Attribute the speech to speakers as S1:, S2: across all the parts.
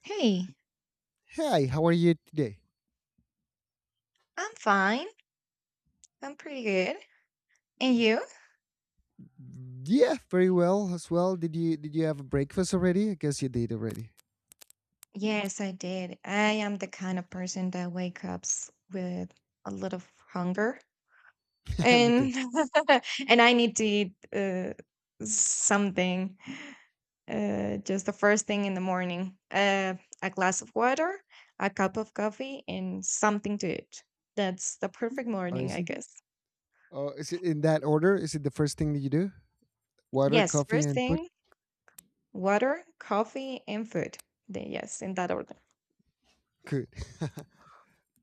S1: Hey,
S2: Hi, how are you today?
S1: I'm fine. I'm pretty good. And you?
S2: Yeah, very well as well. Did you have a breakfast already? I guess you did already.
S1: Yes, I did. I am the kind of person that wakes up with a lot of hunger
S2: Me too.
S1: and and I need to eat something just the first thing in the morning. A glass of water, a cup of coffee, and something to eat. That's the perfect
S2: Oh,
S1: morning,
S2: is
S1: I
S2: it?
S1: guess.
S2: Oh, is it in that order? Is it the first thing that you do? Water,
S1: Yes,
S2: coffee,
S1: first
S2: and food.
S1: thing, water, coffee, and food. Then yes, in that order.
S2: Good.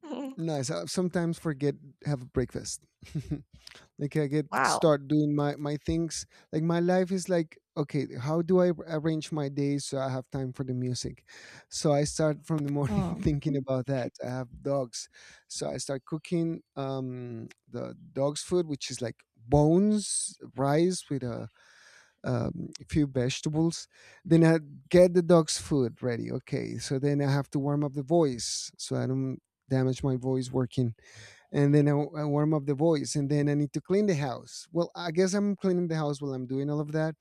S2: Nice. I sometimes forget have a breakfast. Like I get
S1: Wow.
S2: start doing my things, like my life is like, okay, how do I arrange my days so I have time for the music, so I start from the morning
S1: Oh,
S2: thinking about that I have dogs, so I start cooking the dog's food, which is like bones, rice with a few vegetables. Then I get the dog's food ready. Okay, so then I have to warm up the voice so I don't damage my voice working. And then I warm up the voice, and then I need to clean the house. Well, I guess I'm cleaning the house while I'm doing all of that,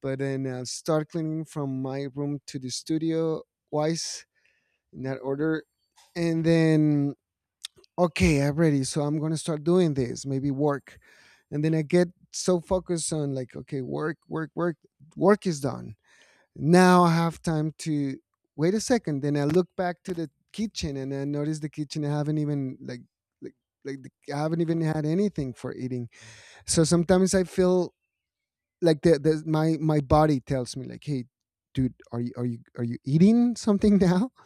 S2: but then I start cleaning from my room to the studio wise, in that order. And then, okay, I'm ready, so I'm gonna start doing this maybe work. And then I get so focused on like, okay, work, work, work, work is done. Now I have time to... wait a second. Then I look back to the kitchen and I notice the kitchen. I haven't even like like the, I haven't even had anything for eating. So sometimes I feel like the my body tells me like, hey, dude, are you eating something now?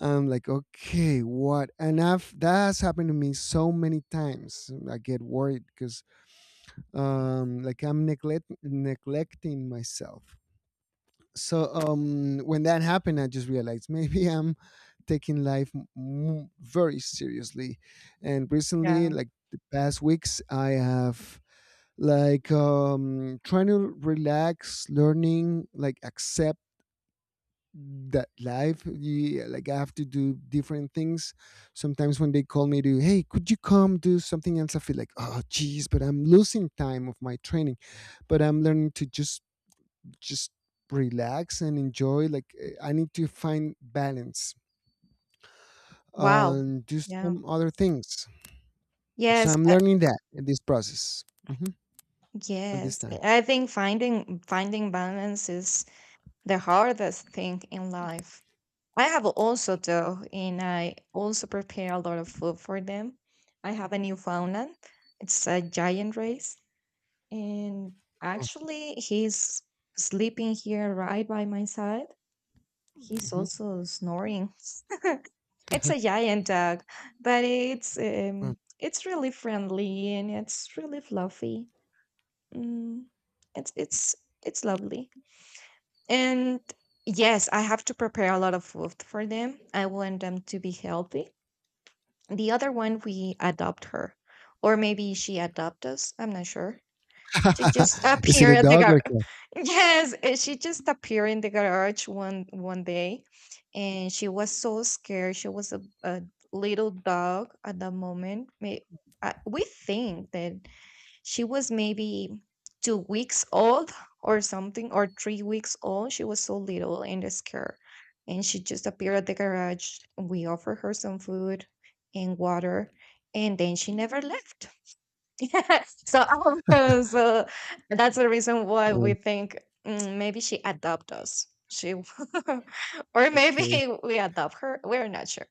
S2: I'm like, okay, what? And I've that's happened to me so many times. I get worried because like, I'm neglecting myself. So when that happened I just realized maybe I'm taking life very seriously. And recently,
S1: yeah.
S2: like the past weeks, I have, like, trying to relax, learning, like, accept that life. Yeah, like I have to do different things. Sometimes when they call me to, hey, could you come do something else, I feel like, oh geez, but I'm losing time of my training. But I'm learning to just relax and enjoy, like, I need to find balance
S1: Wow.
S2: and do
S1: Yeah.
S2: some other things. So
S1: Yes,
S2: I'm learning that in this process. Hmm. At this
S1: yes.
S2: time.
S1: I think finding balance is the hardest thing in life. I have also though, and I also prepare a lot of food for them. I have a Newfoundland. It's a giant race, and
S2: Oh.
S1: actually, he's sleeping here right by my side. He's
S2: Mhm.
S1: also snoring. It's a giant dog, but it's
S2: Oh.
S1: um, it's really friendly and it's really fluffy. Mm, it's it's it's lovely. And yes, I have to prepare a lot of food for them. I want them to be healthy. The other one, we adopt her, or maybe she adopt us. I'm not sure. She just
S2: Is it a
S1: appeared at the
S2: dog or a
S1: gar-
S2: cat?
S1: Yes, she just appeared in the garage one day, and she was so scared. She was a little dog at that moment. We think that she was maybe 2 weeks old or something, or 3 weeks old. She was so little and scared, and she just appeared at the garage. We offered her some food and water, and then she never left. Yes. So also, so that's the reason why
S2: Oh,
S1: we think maybe she adopt us. She or maybe
S2: okay.
S1: we adopt her. We're not sure.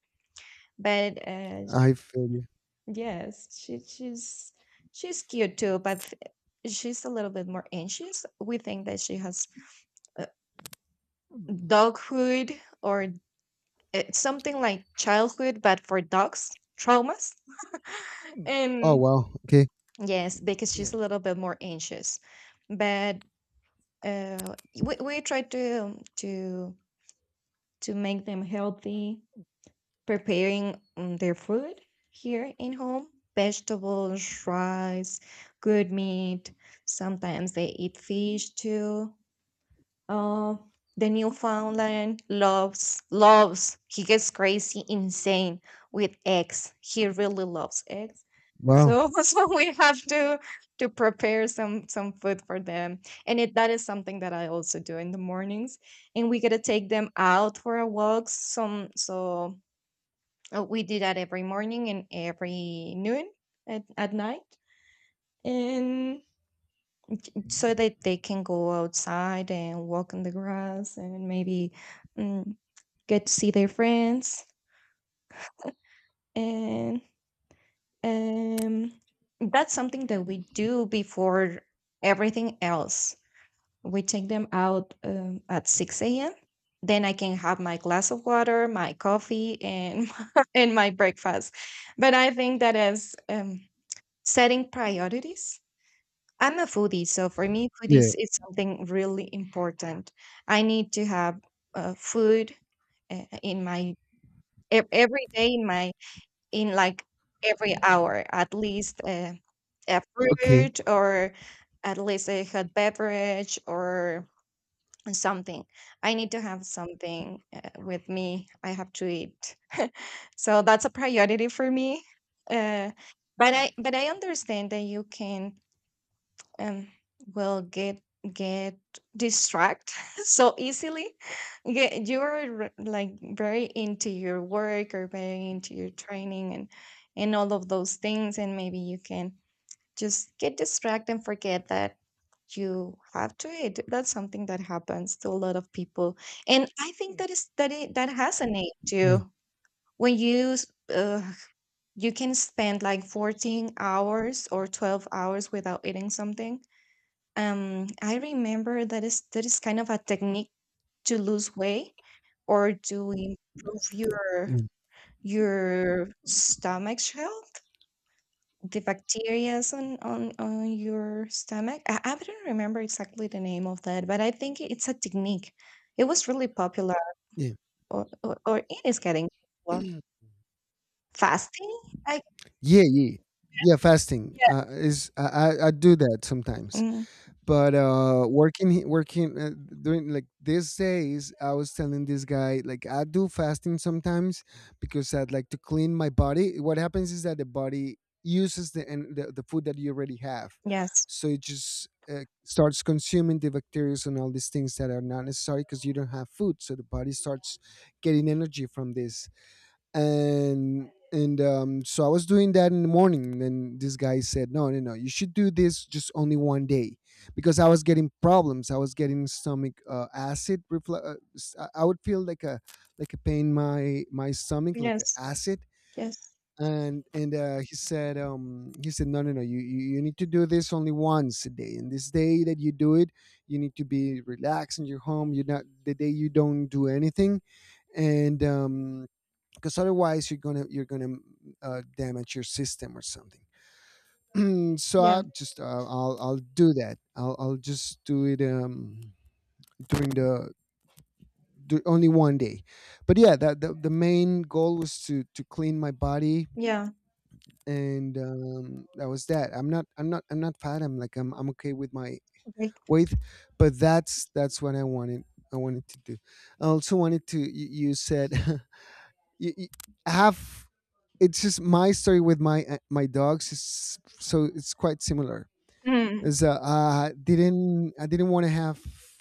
S1: But
S2: I feel you.
S1: yes, she she's cute too, but she's a little bit more anxious. We think that she has uh, doghood or something like childhood, but for dogs traumas.
S2: Oh,
S1: And
S2: wow, okay.
S1: yes, because
S2: Yeah.
S1: she's a little bit more anxious, but uh, we try to to make them healthy, preparing their food here in home, vegetables, rice, good meat. Sometimes they eat fish too, uh, the Newfoundland loves. He gets crazy, insane with eggs. He really loves eggs.
S2: Wow.
S1: So so we have to prepare some food for them, and that is something that I also do in the mornings. And we gotta take them out for a walk. Some so we do that every morning and every noon, at night. And so that they can go outside and walk in the grass and maybe mm, get to see their friends, and um, that's something that we do before everything else. We take them out at 6 a.m. Then I can have my glass of water, my coffee, and and my breakfast, but I think that is setting priorities. I'm a foodie, so for me, food
S2: Yeah.
S1: is something really important. I need to have food in my, every day, in my, in like, every hour, at least a
S2: Okay.
S1: fruit or at least a hot beverage or something. I need to have something with me. I have to eat, so that's a priority for me. Uh, but I
S2: Yeah.
S1: but I understand that you can, um, well, get distract so easily. Get you are re- Like, very into your work or very into your training and all of those things, and maybe you can just get distracted and forget that you have to eat. That's something that happens to a lot of people, and I think that is that has an age too. When you s- uh, you can spend like 14 hours or 12 hours without eating something. I remember that is kind of a technique to lose weight or to improve your
S2: Mm.
S1: your stomach's health, the bacterias on your stomach. I don't remember exactly the name of that, but I think it's a technique. It was really popular,
S2: Yeah,
S1: or it is getting popular. Fasting, I.
S2: yeah, yeah, yeah, fasting
S1: Yeah.
S2: is, I do that sometimes.
S1: Mm,
S2: But working doing like these days, I was telling this guy, like, I do fasting sometimes because I'd like to clean my body. What happens is that the body uses the food that you already have,
S1: yes,
S2: so it just starts consuming the bacteria and all these things that are not necessary because you don't have food, so the body starts getting energy from this. And so I was doing that in the morning. And then this guy said, "No, no, no, you should do this just only 1 day," because I was getting problems. I was getting stomach acid. I would feel like a pain in my stomach, like a
S1: yes,
S2: acid.
S1: yes,
S2: And he said, "No, no, no, you need to do this only once a day. And this day that you do it, you need to be relaxed in your home. You're not the day you don't do anything, and." Because otherwise you're gonna damage your system or something. So
S1: yeah,
S2: I'll do that. I'll just do it during the only 1 day, but yeah, that the main goal was to clean my body,
S1: yeah.
S2: and that was that. I'm not fat. I'm okay with my
S1: Like,
S2: weight, but that's what I wanted. I wanted to do. I also wanted to. You said you have it's just my story with my dogs is so it's quite similar.
S1: mm,
S2: Is I didn't want to have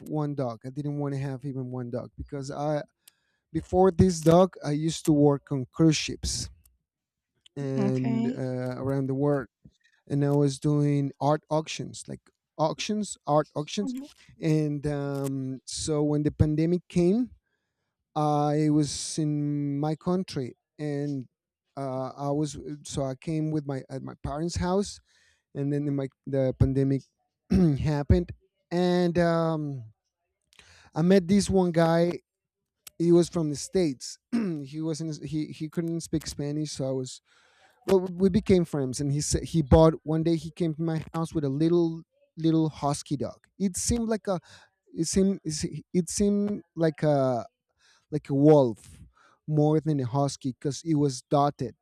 S2: one dog. I didn't want to have even one dog, because I before this dog I used to work on cruise ships and
S1: okay.
S2: around the world, and I was doing art auctions, like, auctions, art auctions.
S1: Mhm.
S2: And so when the pandemic came I was in my country and I was so I came with my parents' house, and then the pandemic happened, and I met this one guy. He was from the states. he wasn't He couldn't speak Spanish, so I was. Well, we became friends, and he said he bought one day. He came to my house with a little husky dog. It seemed it seemed like a wolf more than a husky because it was dotted.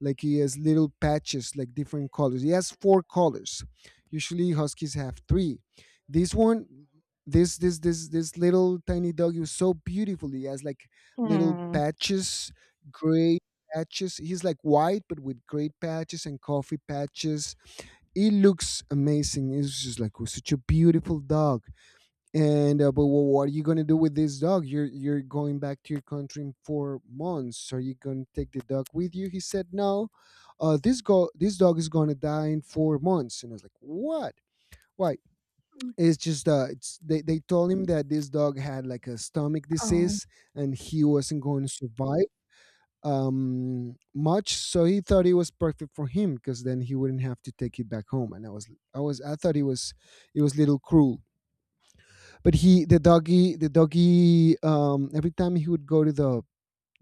S2: Like he has little patches, like different colors. He has four colors. Usually huskies have three. This one, this little tiny dog is so beautiful. He has like little
S1: Hmm.
S2: patches, gray patches. He's like white but with gray patches and coffee patches. He looks amazing. He's just like such a beautiful dog. What are you going to do with this dog? You're going back to your country in 4 months. Are you going to take the dog with you? He said no. Uh, this dog is going to die in 4 months. And I was like, what? Why? It's just it's they told him that this dog had like a stomach
S1: Oh.
S2: disease, and he wasn't going to survive much. So he thought it was perfect for him because then he wouldn't have to take it back home, and I thought it was a little cruel. But he, the doggy, every time he would go to the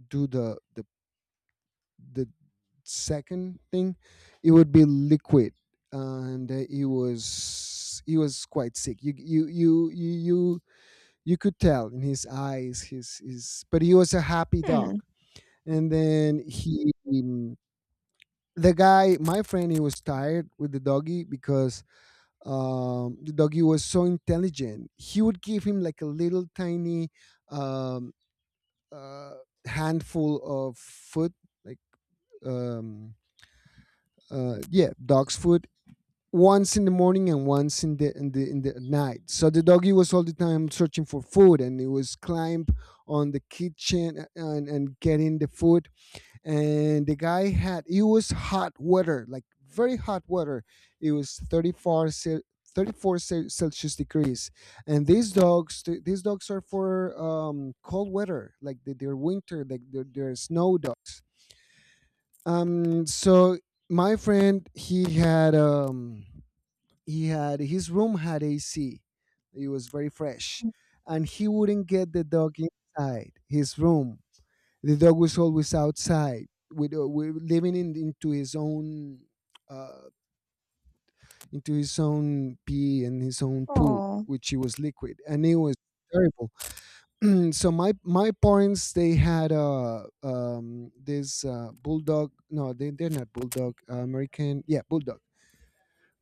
S2: do the second thing, it would be liquid. And he was quite sick. You could tell in his eyes, his but he was a happy dog.
S1: Hmm.
S2: And then he the guy, my friend, he was tired with the doggy because the doggy was so intelligent. He would give him like a little tiny um uh, handful of food, like, um, yeah, dog's food, once in the morning and once in the night. So the doggy was all the time searching for food, and it was climb on the kitchen, and getting the food. And the guy had it was hot weather, like very hot weather. It was celsius degrees, and these dogs are for cold weather, like they're winter, like they're snow dogs. So my friend, he had, he had, his room had AC. It was very fresh, and he wouldn't get the dog inside his room. The dog was always outside with, we living into his own, uh, into his own pee and his own poop,
S1: Aw.
S2: which he was liquid, and it was terrible. So my parents, they had this bulldog, no, they're not bulldog, American, yeah, bulldog.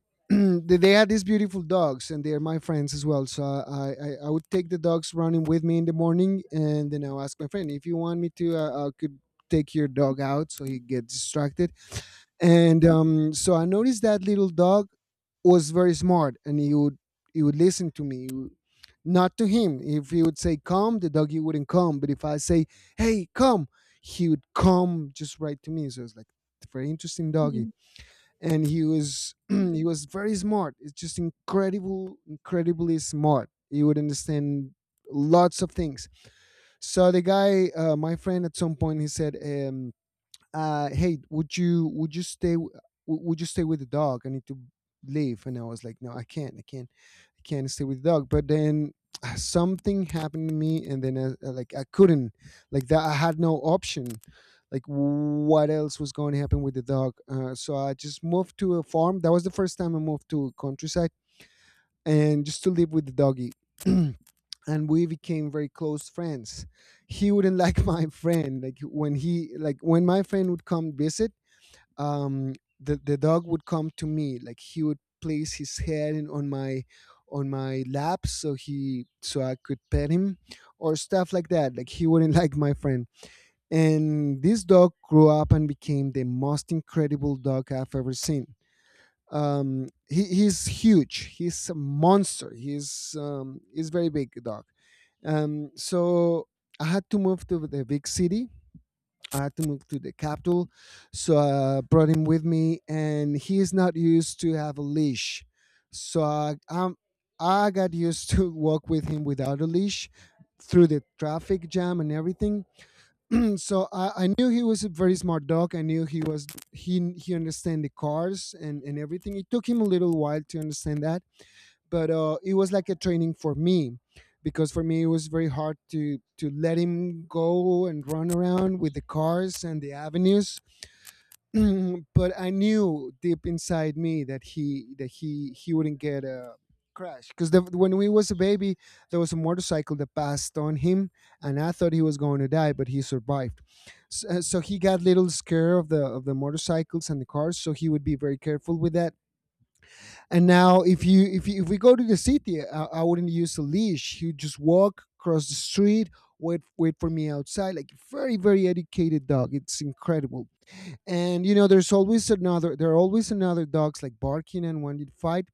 S2: They had these beautiful dogs, and they are my friends as well. So I would take the dogs running with me in the morning, and then I'll ask my friend, if you want me to, I could take your dog out so he gets distracted. And so I noticed that little dog was very smart, and he would listen to me. Not to him. If he would say come, the doggy wouldn't come. But if I say, hey, come, he would come just right to me. So it's like very interesting doggy.
S1: Mm.
S2: And he was he was very smart. It's just incredible, incredibly smart. He would understand lots of things. So the guy, my friend, at some point he said. "Hey, would you stay with the dog? I need to leave." And I was like, "No, I can't. I can't. I can't stay with the dog." But then something happened to me, and then like, I couldn't like that. I had no option. Like what else was going to happen with the dog? So I just moved to a farm. That was the first time I moved to countryside, and just to live with the doggy. And we became very close friends. He wouldn't like my friend, like when he like when my friend would come visit, um, the dog would come to me. Like he would place his head in, on my lap so he so I could pet him or stuff like that. Like he wouldn't like my friend. And this dog grew up and became the most incredible dog I've ever seen. He's huge. He's a monster. He's very big dog. So I had to move to the big city. I had to move to the capital, so I brought him with me, and he is not used to have a leash, so I I got used to walk with him without a leash through the traffic jam and everything. So I knew he was a very smart dog. I knew he was he understand the cars and everything. It took him a little while to understand that, but it was like a training for me because for me it was very hard to let him go and run around with the cars and the avenues. But I knew deep inside me that he wouldn't get a crash because when we was a baby, there was a motorcycle that passed on him, and I thought he was going to die, but he survived. So, so he got little scared of the motorcycles and the cars, so he would be very careful with that. And now, if you if we go to the city, I wouldn't use a leash. He would just walk across the street, wait for me outside, like a very very educated dog. It's incredible. And you know there's always another, there are always another dogs like barking, and when you fight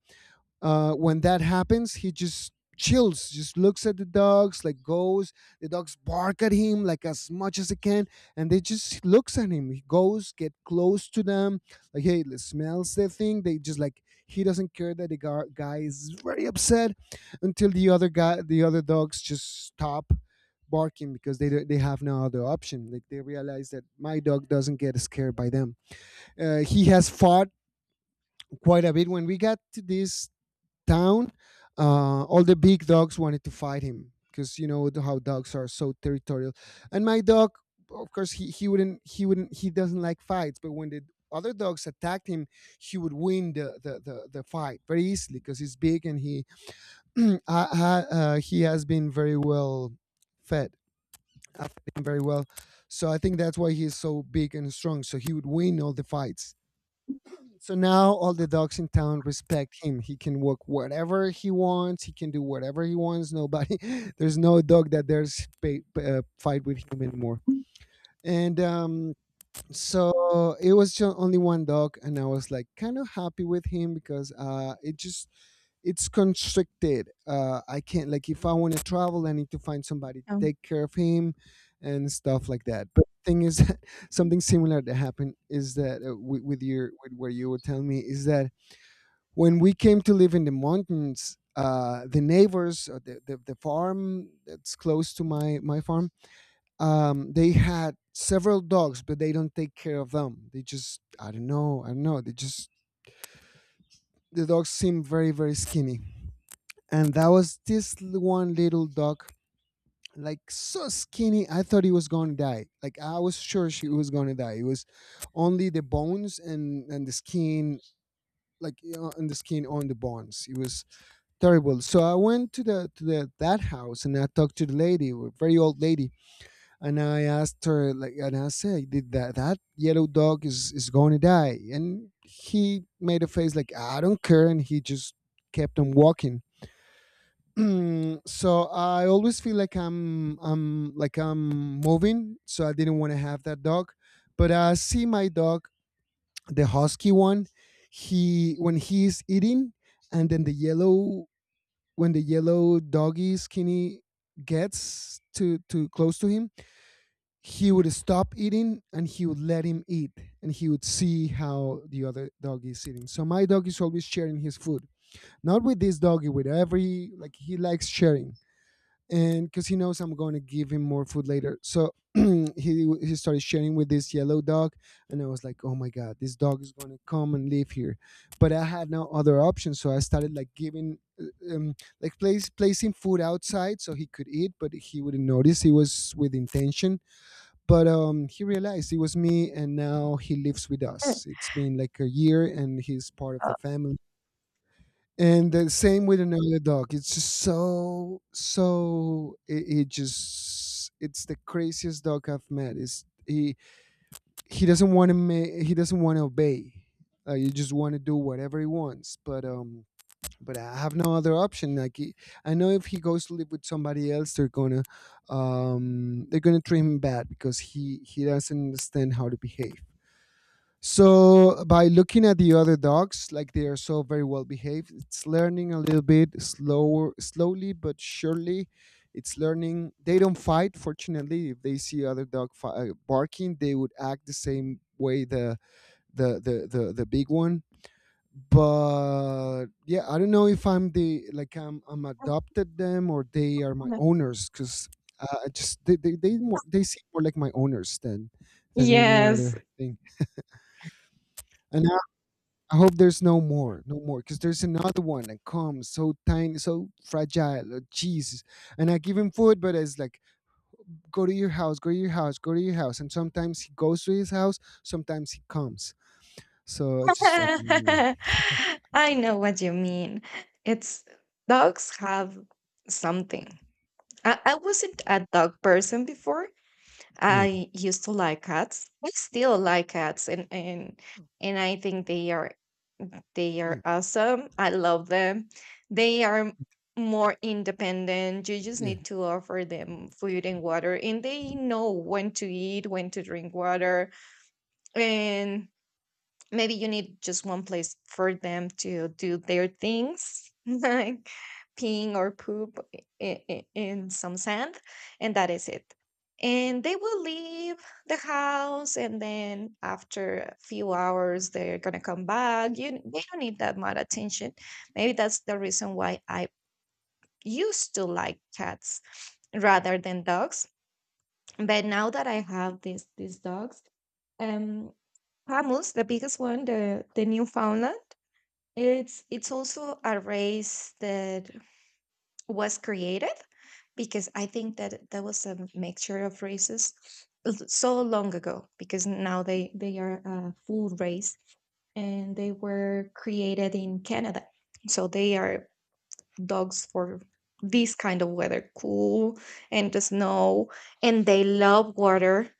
S2: when that happens, he just chills, just looks at the dogs like goes. The dogs bark at him like as much as they can, and they just looks at him. He goes get close to them, like hey, smells the thing. They just like he doesn't care that the guy is very upset until the other guy, the other dogs just stop barking because they have no other option, like they realize that my dog doesn't get scared by them. He has fought quite a bit. When we got to this town, all the big dogs wanted to fight him because you know how dogs are so territorial. And my dog, of course, he wouldn't he wouldn't he doesn't like fights. But when the other dogs attacked him, he would win the fight very easily because he's big and he he has been very well fed. I've fed him very well, so I think that's why he's so big and strong. So he would win all the fights. So now all the dogs in town respect him. He can walk whatever he wants. He can do whatever he wants. Nobody, there's no dog that dares pay, fight with him anymore. And so it was just only one dog, and I was like kind of happy with him because it just it's constricted. I can't, like if I want to travel, I need to find somebody to
S1: Oh.
S2: take care of him and stuff like that. But the thing is, something similar that happened is that with your with where you were telling me is that when we came to live in the mountains, the neighbors, the farm that's close to my farm, they had several dogs, but they don't take care of them. They just I don't know, they just the dogs seem very very skinny, and that was this one little dog, like so skinny. I thought he was gonna die. Like I was sure she was gonna die. It was only the bones and the skin, like you know, and the skin on the bones. It was terrible. So I went to the that house and I talked to the lady, a very old lady, and I asked her like, and I said, "Did that yellow dog is going to die?" And he made a face like, "I don't care," and he just kept on walking. So I always feel like I'm moving. So I didn't want to have that dog, but I see my dog, the husky one. He when he is eating, and then the yellow, when the yellow doggy skinny gets to close to him, he would stop eating and he would let him eat and he would see how the other dog is eating. So my dog is always sharing his food. Not with this doggy, with every like he likes sharing and because he knows I'm going to give him more food later. So he started sharing with this yellow dog, and I was like, oh my god, this dog is going to come and live here. But I had no other option, so I started like giving. Like placing food outside so he could eat but he wouldn't notice. He was with intention, but he realized it was me, and now he lives with us. It's been like a year and he's part of the family. And the same with another dog. It's just so so it just it's the craziest dog I've met. It's he doesn't want to he doesn't want to obey. Like you just want to do whatever he wants. But I have no other option. Like he, I know if he goes to live with somebody else, they're gonna treat him bad because he doesn't understand how to behave. So by looking at the other dogs, like they are so very well behaved, it's learning a little bit slower, slowly but surely. It's learning. They don't fight. Fortunately, if they see other dog barking, they would act the same way the big one. But yeah, I don't know if I'm the like I'm adopted them or they are my owners because I just they seem more like my owners than any
S1: Yes.
S2: other thing. And I hope there's no more, because there's another one that comes so tiny, so fragile. Oh, Jesus! And I give him food, but it's like, go to your house, go to your house, go to your house. And sometimes he goes to his house, sometimes he comes. So I just, I don't know.
S1: I know what you mean. It's Dogs have something. I wasn't a dog person before.
S2: Yeah,
S1: I used to like cats. I still like cats, and and I think they are. They
S2: yeah,
S1: are awesome. I love them. They are more independent. You just
S2: yeah,
S1: need to offer them food and water, and they know when to eat, when to drink water, and maybe you need just one place for them to do their things, like peeing or poop in some sand, and that is it. And they will leave the house, and then after a few hours they're gonna come back. You They don't need that much attention. Maybe that's the reason why I used to like cats rather than dogs. But now that I have these dogs, um Pamus, the biggest one, the Newfoundland. It's also a race that was created, because I think that that was a mixture of races so long ago. Because now they are a full race, and they were created in Canada, so they are dogs for this kind of weather, cool, and the snow, and they love water.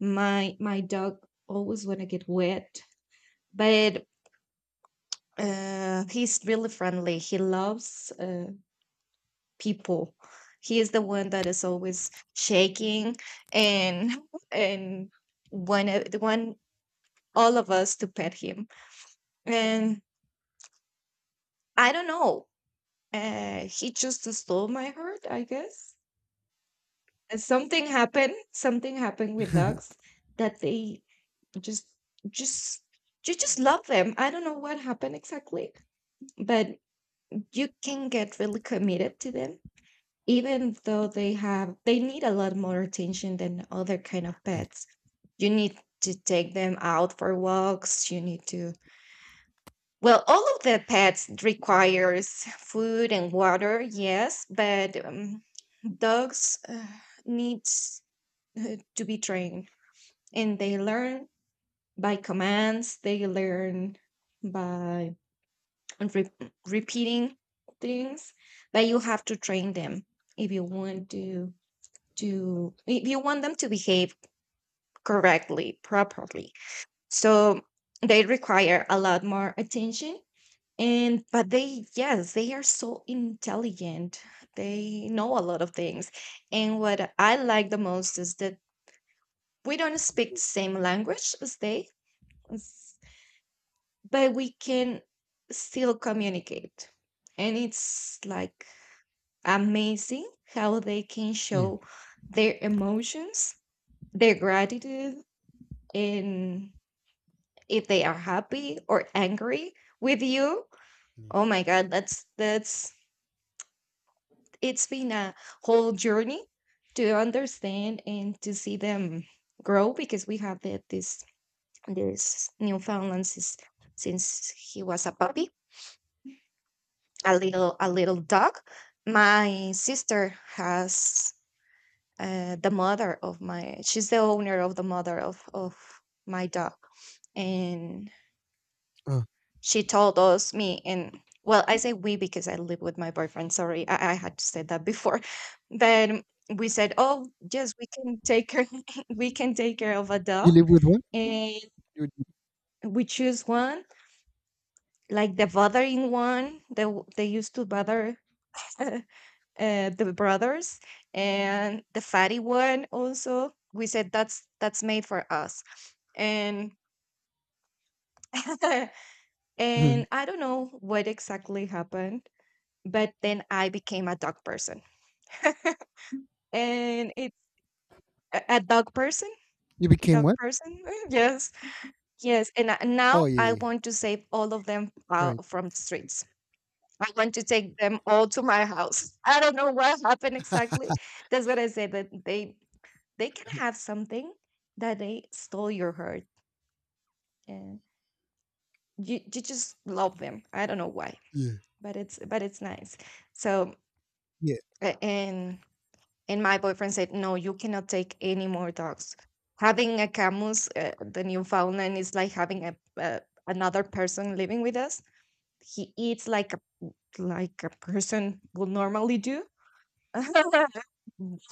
S1: My dog always want to get wet, but he's really friendly. He loves people. He is the one that is always shaking and and when the one all of us to pet him. And I don't know. He just stole my heart, I guess. And something happened. Something happened with dogs that they just just you just love them. I don't know what happened exactly, but you can get really committed to them, even though they need a lot more attention than other kind of
S2: yeah,
S1: pets. You need to take them out for walks, you need to, well, all of the pets requires food and water, yes, but dogs needs to be trained, and they learn by commands. They learn by re- repeating things, but you have to train them if you want to, if you want them to behave correctly, properly. So they require a lot more attention, and but they, yes, they are so intelligent. They know a lot of things. And what I like the most is that we don't speak the same language as they, s- but we can still communicate. And it's like, amazing how they can
S2: yeah,
S1: show their emotions, their gratitude, in if they are happy or angry with you.
S2: yeah.
S1: Oh my god, that's it's been a whole journey to understand and to see them grow, because we have the, this Newfoundland since he was a puppy, a little dog. My sister has the mother of my she's the owner of the mother of my dog. And
S2: Uh,
S1: she told us me, and, well, I say we because I live with my boyfriend, sorry, I had to say that before. But we said, oh yes, we can take care we can take care of a
S2: you
S1: dog.
S2: live with one?
S1: And
S2: You,
S1: we choose one, like the bothering one. They used to bother uh, the brothers, and the fatty one also, we said that's made for us. And
S2: mhm.
S1: and I don't know what exactly happened. But then I became a dog person. And a dog person?
S2: You became
S1: Dog
S2: what?
S1: person? Yes. Yes. And
S2: Oh
S1: now
S2: yeah,
S1: I
S2: yeah, yeah.
S1: want to save all of them,
S2: Right.
S1: from the streets. I want to take them all to my house. I don't know what happened exactly. That's what I said, that they can have something, that they stole your heart. And you just love them. I don't know why,
S2: Yeah,
S1: but it's nice. So
S2: yeah,
S1: a- and And my boyfriend said, no, you cannot take any more dogs. Having a Camus, the Newfoundland, is like having uh, another person living with us. He eats like a person would normally do.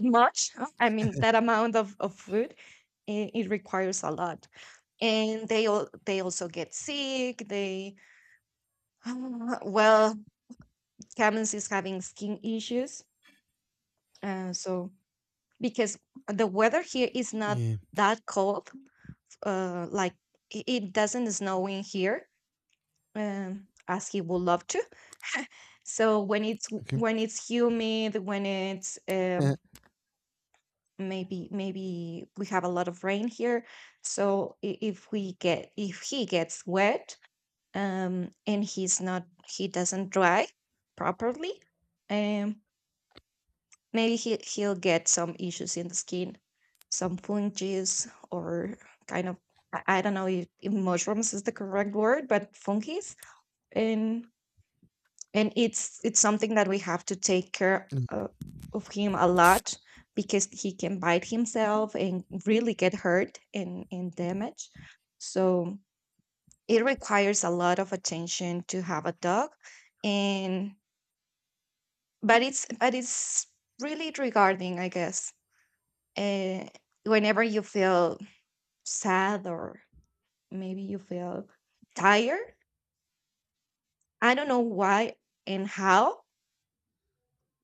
S1: Much, I mean, that amount of food, it requires a lot. And they also get sick. They well, Camus is having skin issues, so because the weather here is not
S2: yeah.
S1: that cold, like it doesn't snow in here, as he would love to. So when it's
S2: Okay.
S1: when it's humid, when it's
S2: Uh,
S1: maybe we have a lot of rain here. So if he gets wet, and he doesn't dry properly, um, maybe he'll get some issues in the skin, some fungus or kind of, I don't know if mushrooms is the correct word, but funkies. And and it's something that we have to take care
S2: mm.
S1: of him a lot, because he can bite himself and really get hurt and damage. So it requires a lot of attention to have a dog. And but it's really regarding, I guess, uh, whenever you feel sad or maybe you feel tired. I don't know why and how,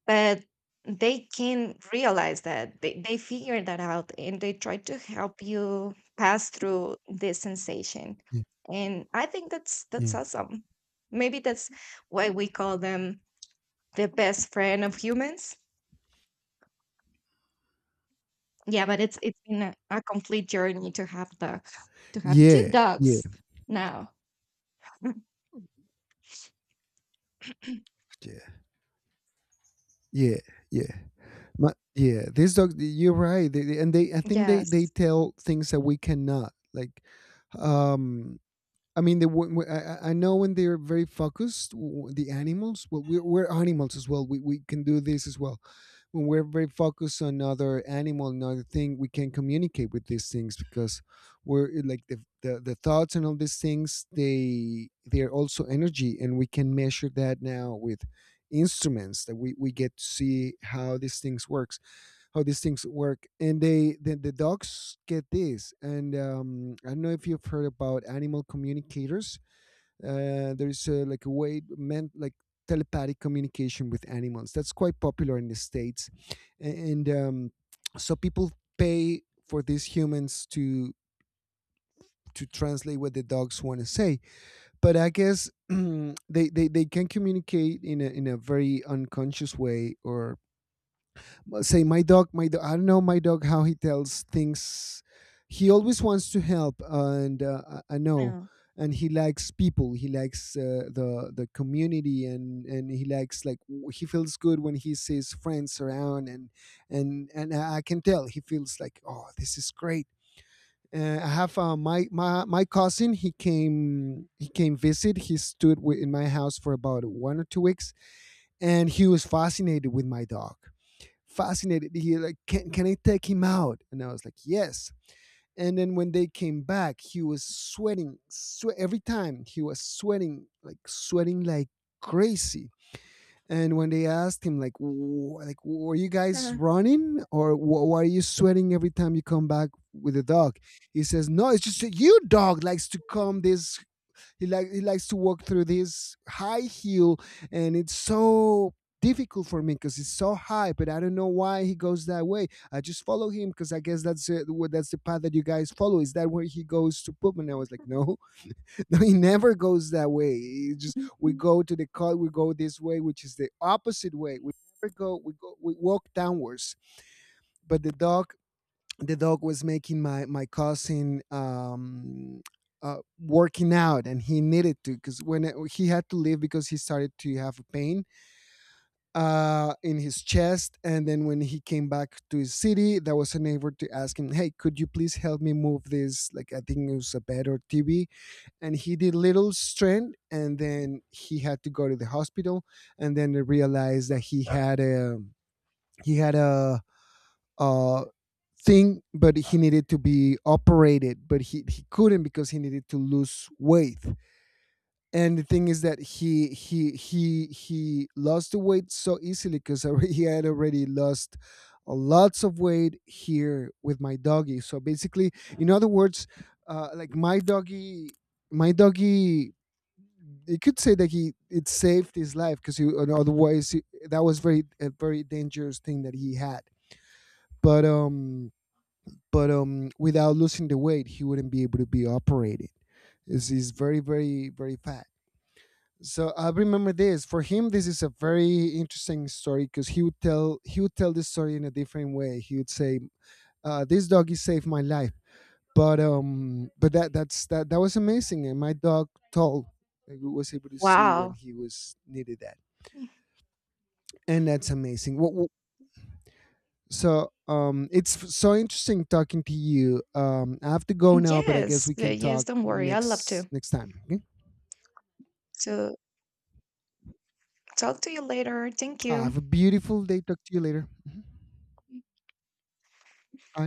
S1: but they can realize that, they figure that out, and they try to help you pass through this sensation. And I think that's
S2: Yeah,
S1: that's awesome. Maybe that's why we call them the best friend of humans. Yeah, but it's been a complete journey to have the to have two
S2: yeah, yeah,
S1: dogs now.
S2: yeah, yeah, yeah, yeah. My, yeah, these dogs. You're right, they, and they. I think they
S1: Yes.
S2: tell things that we cannot. Like, um, I mean, the I know when they're very focused, the animals. Well, we're animals as well. We can do this as well. When we're very focused on another animal, another thing, we can communicate with these things because we're like the the thoughts and all these things. They are also energy, and we can measure that now with instruments that we get to see how these things work, how these things work. And they, the dogs get this. And I don't know if you've heard about animal communicators. There's like a way meant like telepathic communication with animals, that's quite popular in the States. A- and so people pay for these humans to translate what the dogs want to say. But I guess they can communicate in a very unconscious way, or let's say my dog I don't know, my dog how he tells things. He always wants to help, and I know.
S1: No.
S2: And he likes people, he likes the community, and he likes like he feels good when he sees friends around, and I can tell he feels like, oh this is great. I have my cousin, he came visit. He stood in my house for about 1 or 2 weeks, and he was fascinated with my dog, fascinated. He like, can I take him out? And I was like, yes. And then when they came back, he was sweating. Every time he was sweating like crazy. And when they asked him, like, like were you guys
S1: Uh,
S2: running, or why are you sweating every time you come back with a dog?" He says, no, it's just that you dog likes to come this, he likes to walk through this high hill, and it's so difficult for me because it's so high. But I don't know why he goes that way. I just follow him because I guess that's it, that's the path that you guys follow. Is that where he goes to poop? And I was like, no, no, he never goes that way. He just we
S1: mhm.
S2: go to the car, we go this way, which is the opposite way. We never go. We go. We walk downwards. But the dog was making my cousin working out, and he needed to because he had to leave because he started to have pain in his chest. And then when he came back to his city, there was a neighbor to ask him, hey could you please help me move this, like I think it was a bed or TV. And he did little strength, and then he had to go to the hospital. And then they realized that he had a he had a uh, thing, but he needed to be operated, but he couldn't because he needed to lose weight. And the thing is that he lost the weight so easily because he had already lost lots of weight here with my doggy. So basically, in other words, like my doggy. My doggy, you could say that he it saved his life because otherwise that was very a very dangerous thing that he had. But um, but without losing the weight, he wouldn't be able to be operated. He's very, very, very fat. So I remember this for him. This is a very interesting story because he would tell this story in a different way. He would say, "This doggy saved my life." But that that's that that was amazing, and my dog told, like, was able to see when
S1: Wow.
S2: he was needed that, and that's amazing. What? So it's so interesting talking to you. I have to go
S1: Mm,
S2: now, but I guess
S1: yes.
S2: we can
S1: Yes.
S2: talk
S1: Don't worry. I love to.
S2: next time. Okay.
S1: So talk to you later. Thank
S2: Ah, have
S1: you.
S2: a beautiful day. Talk to you later. Bye.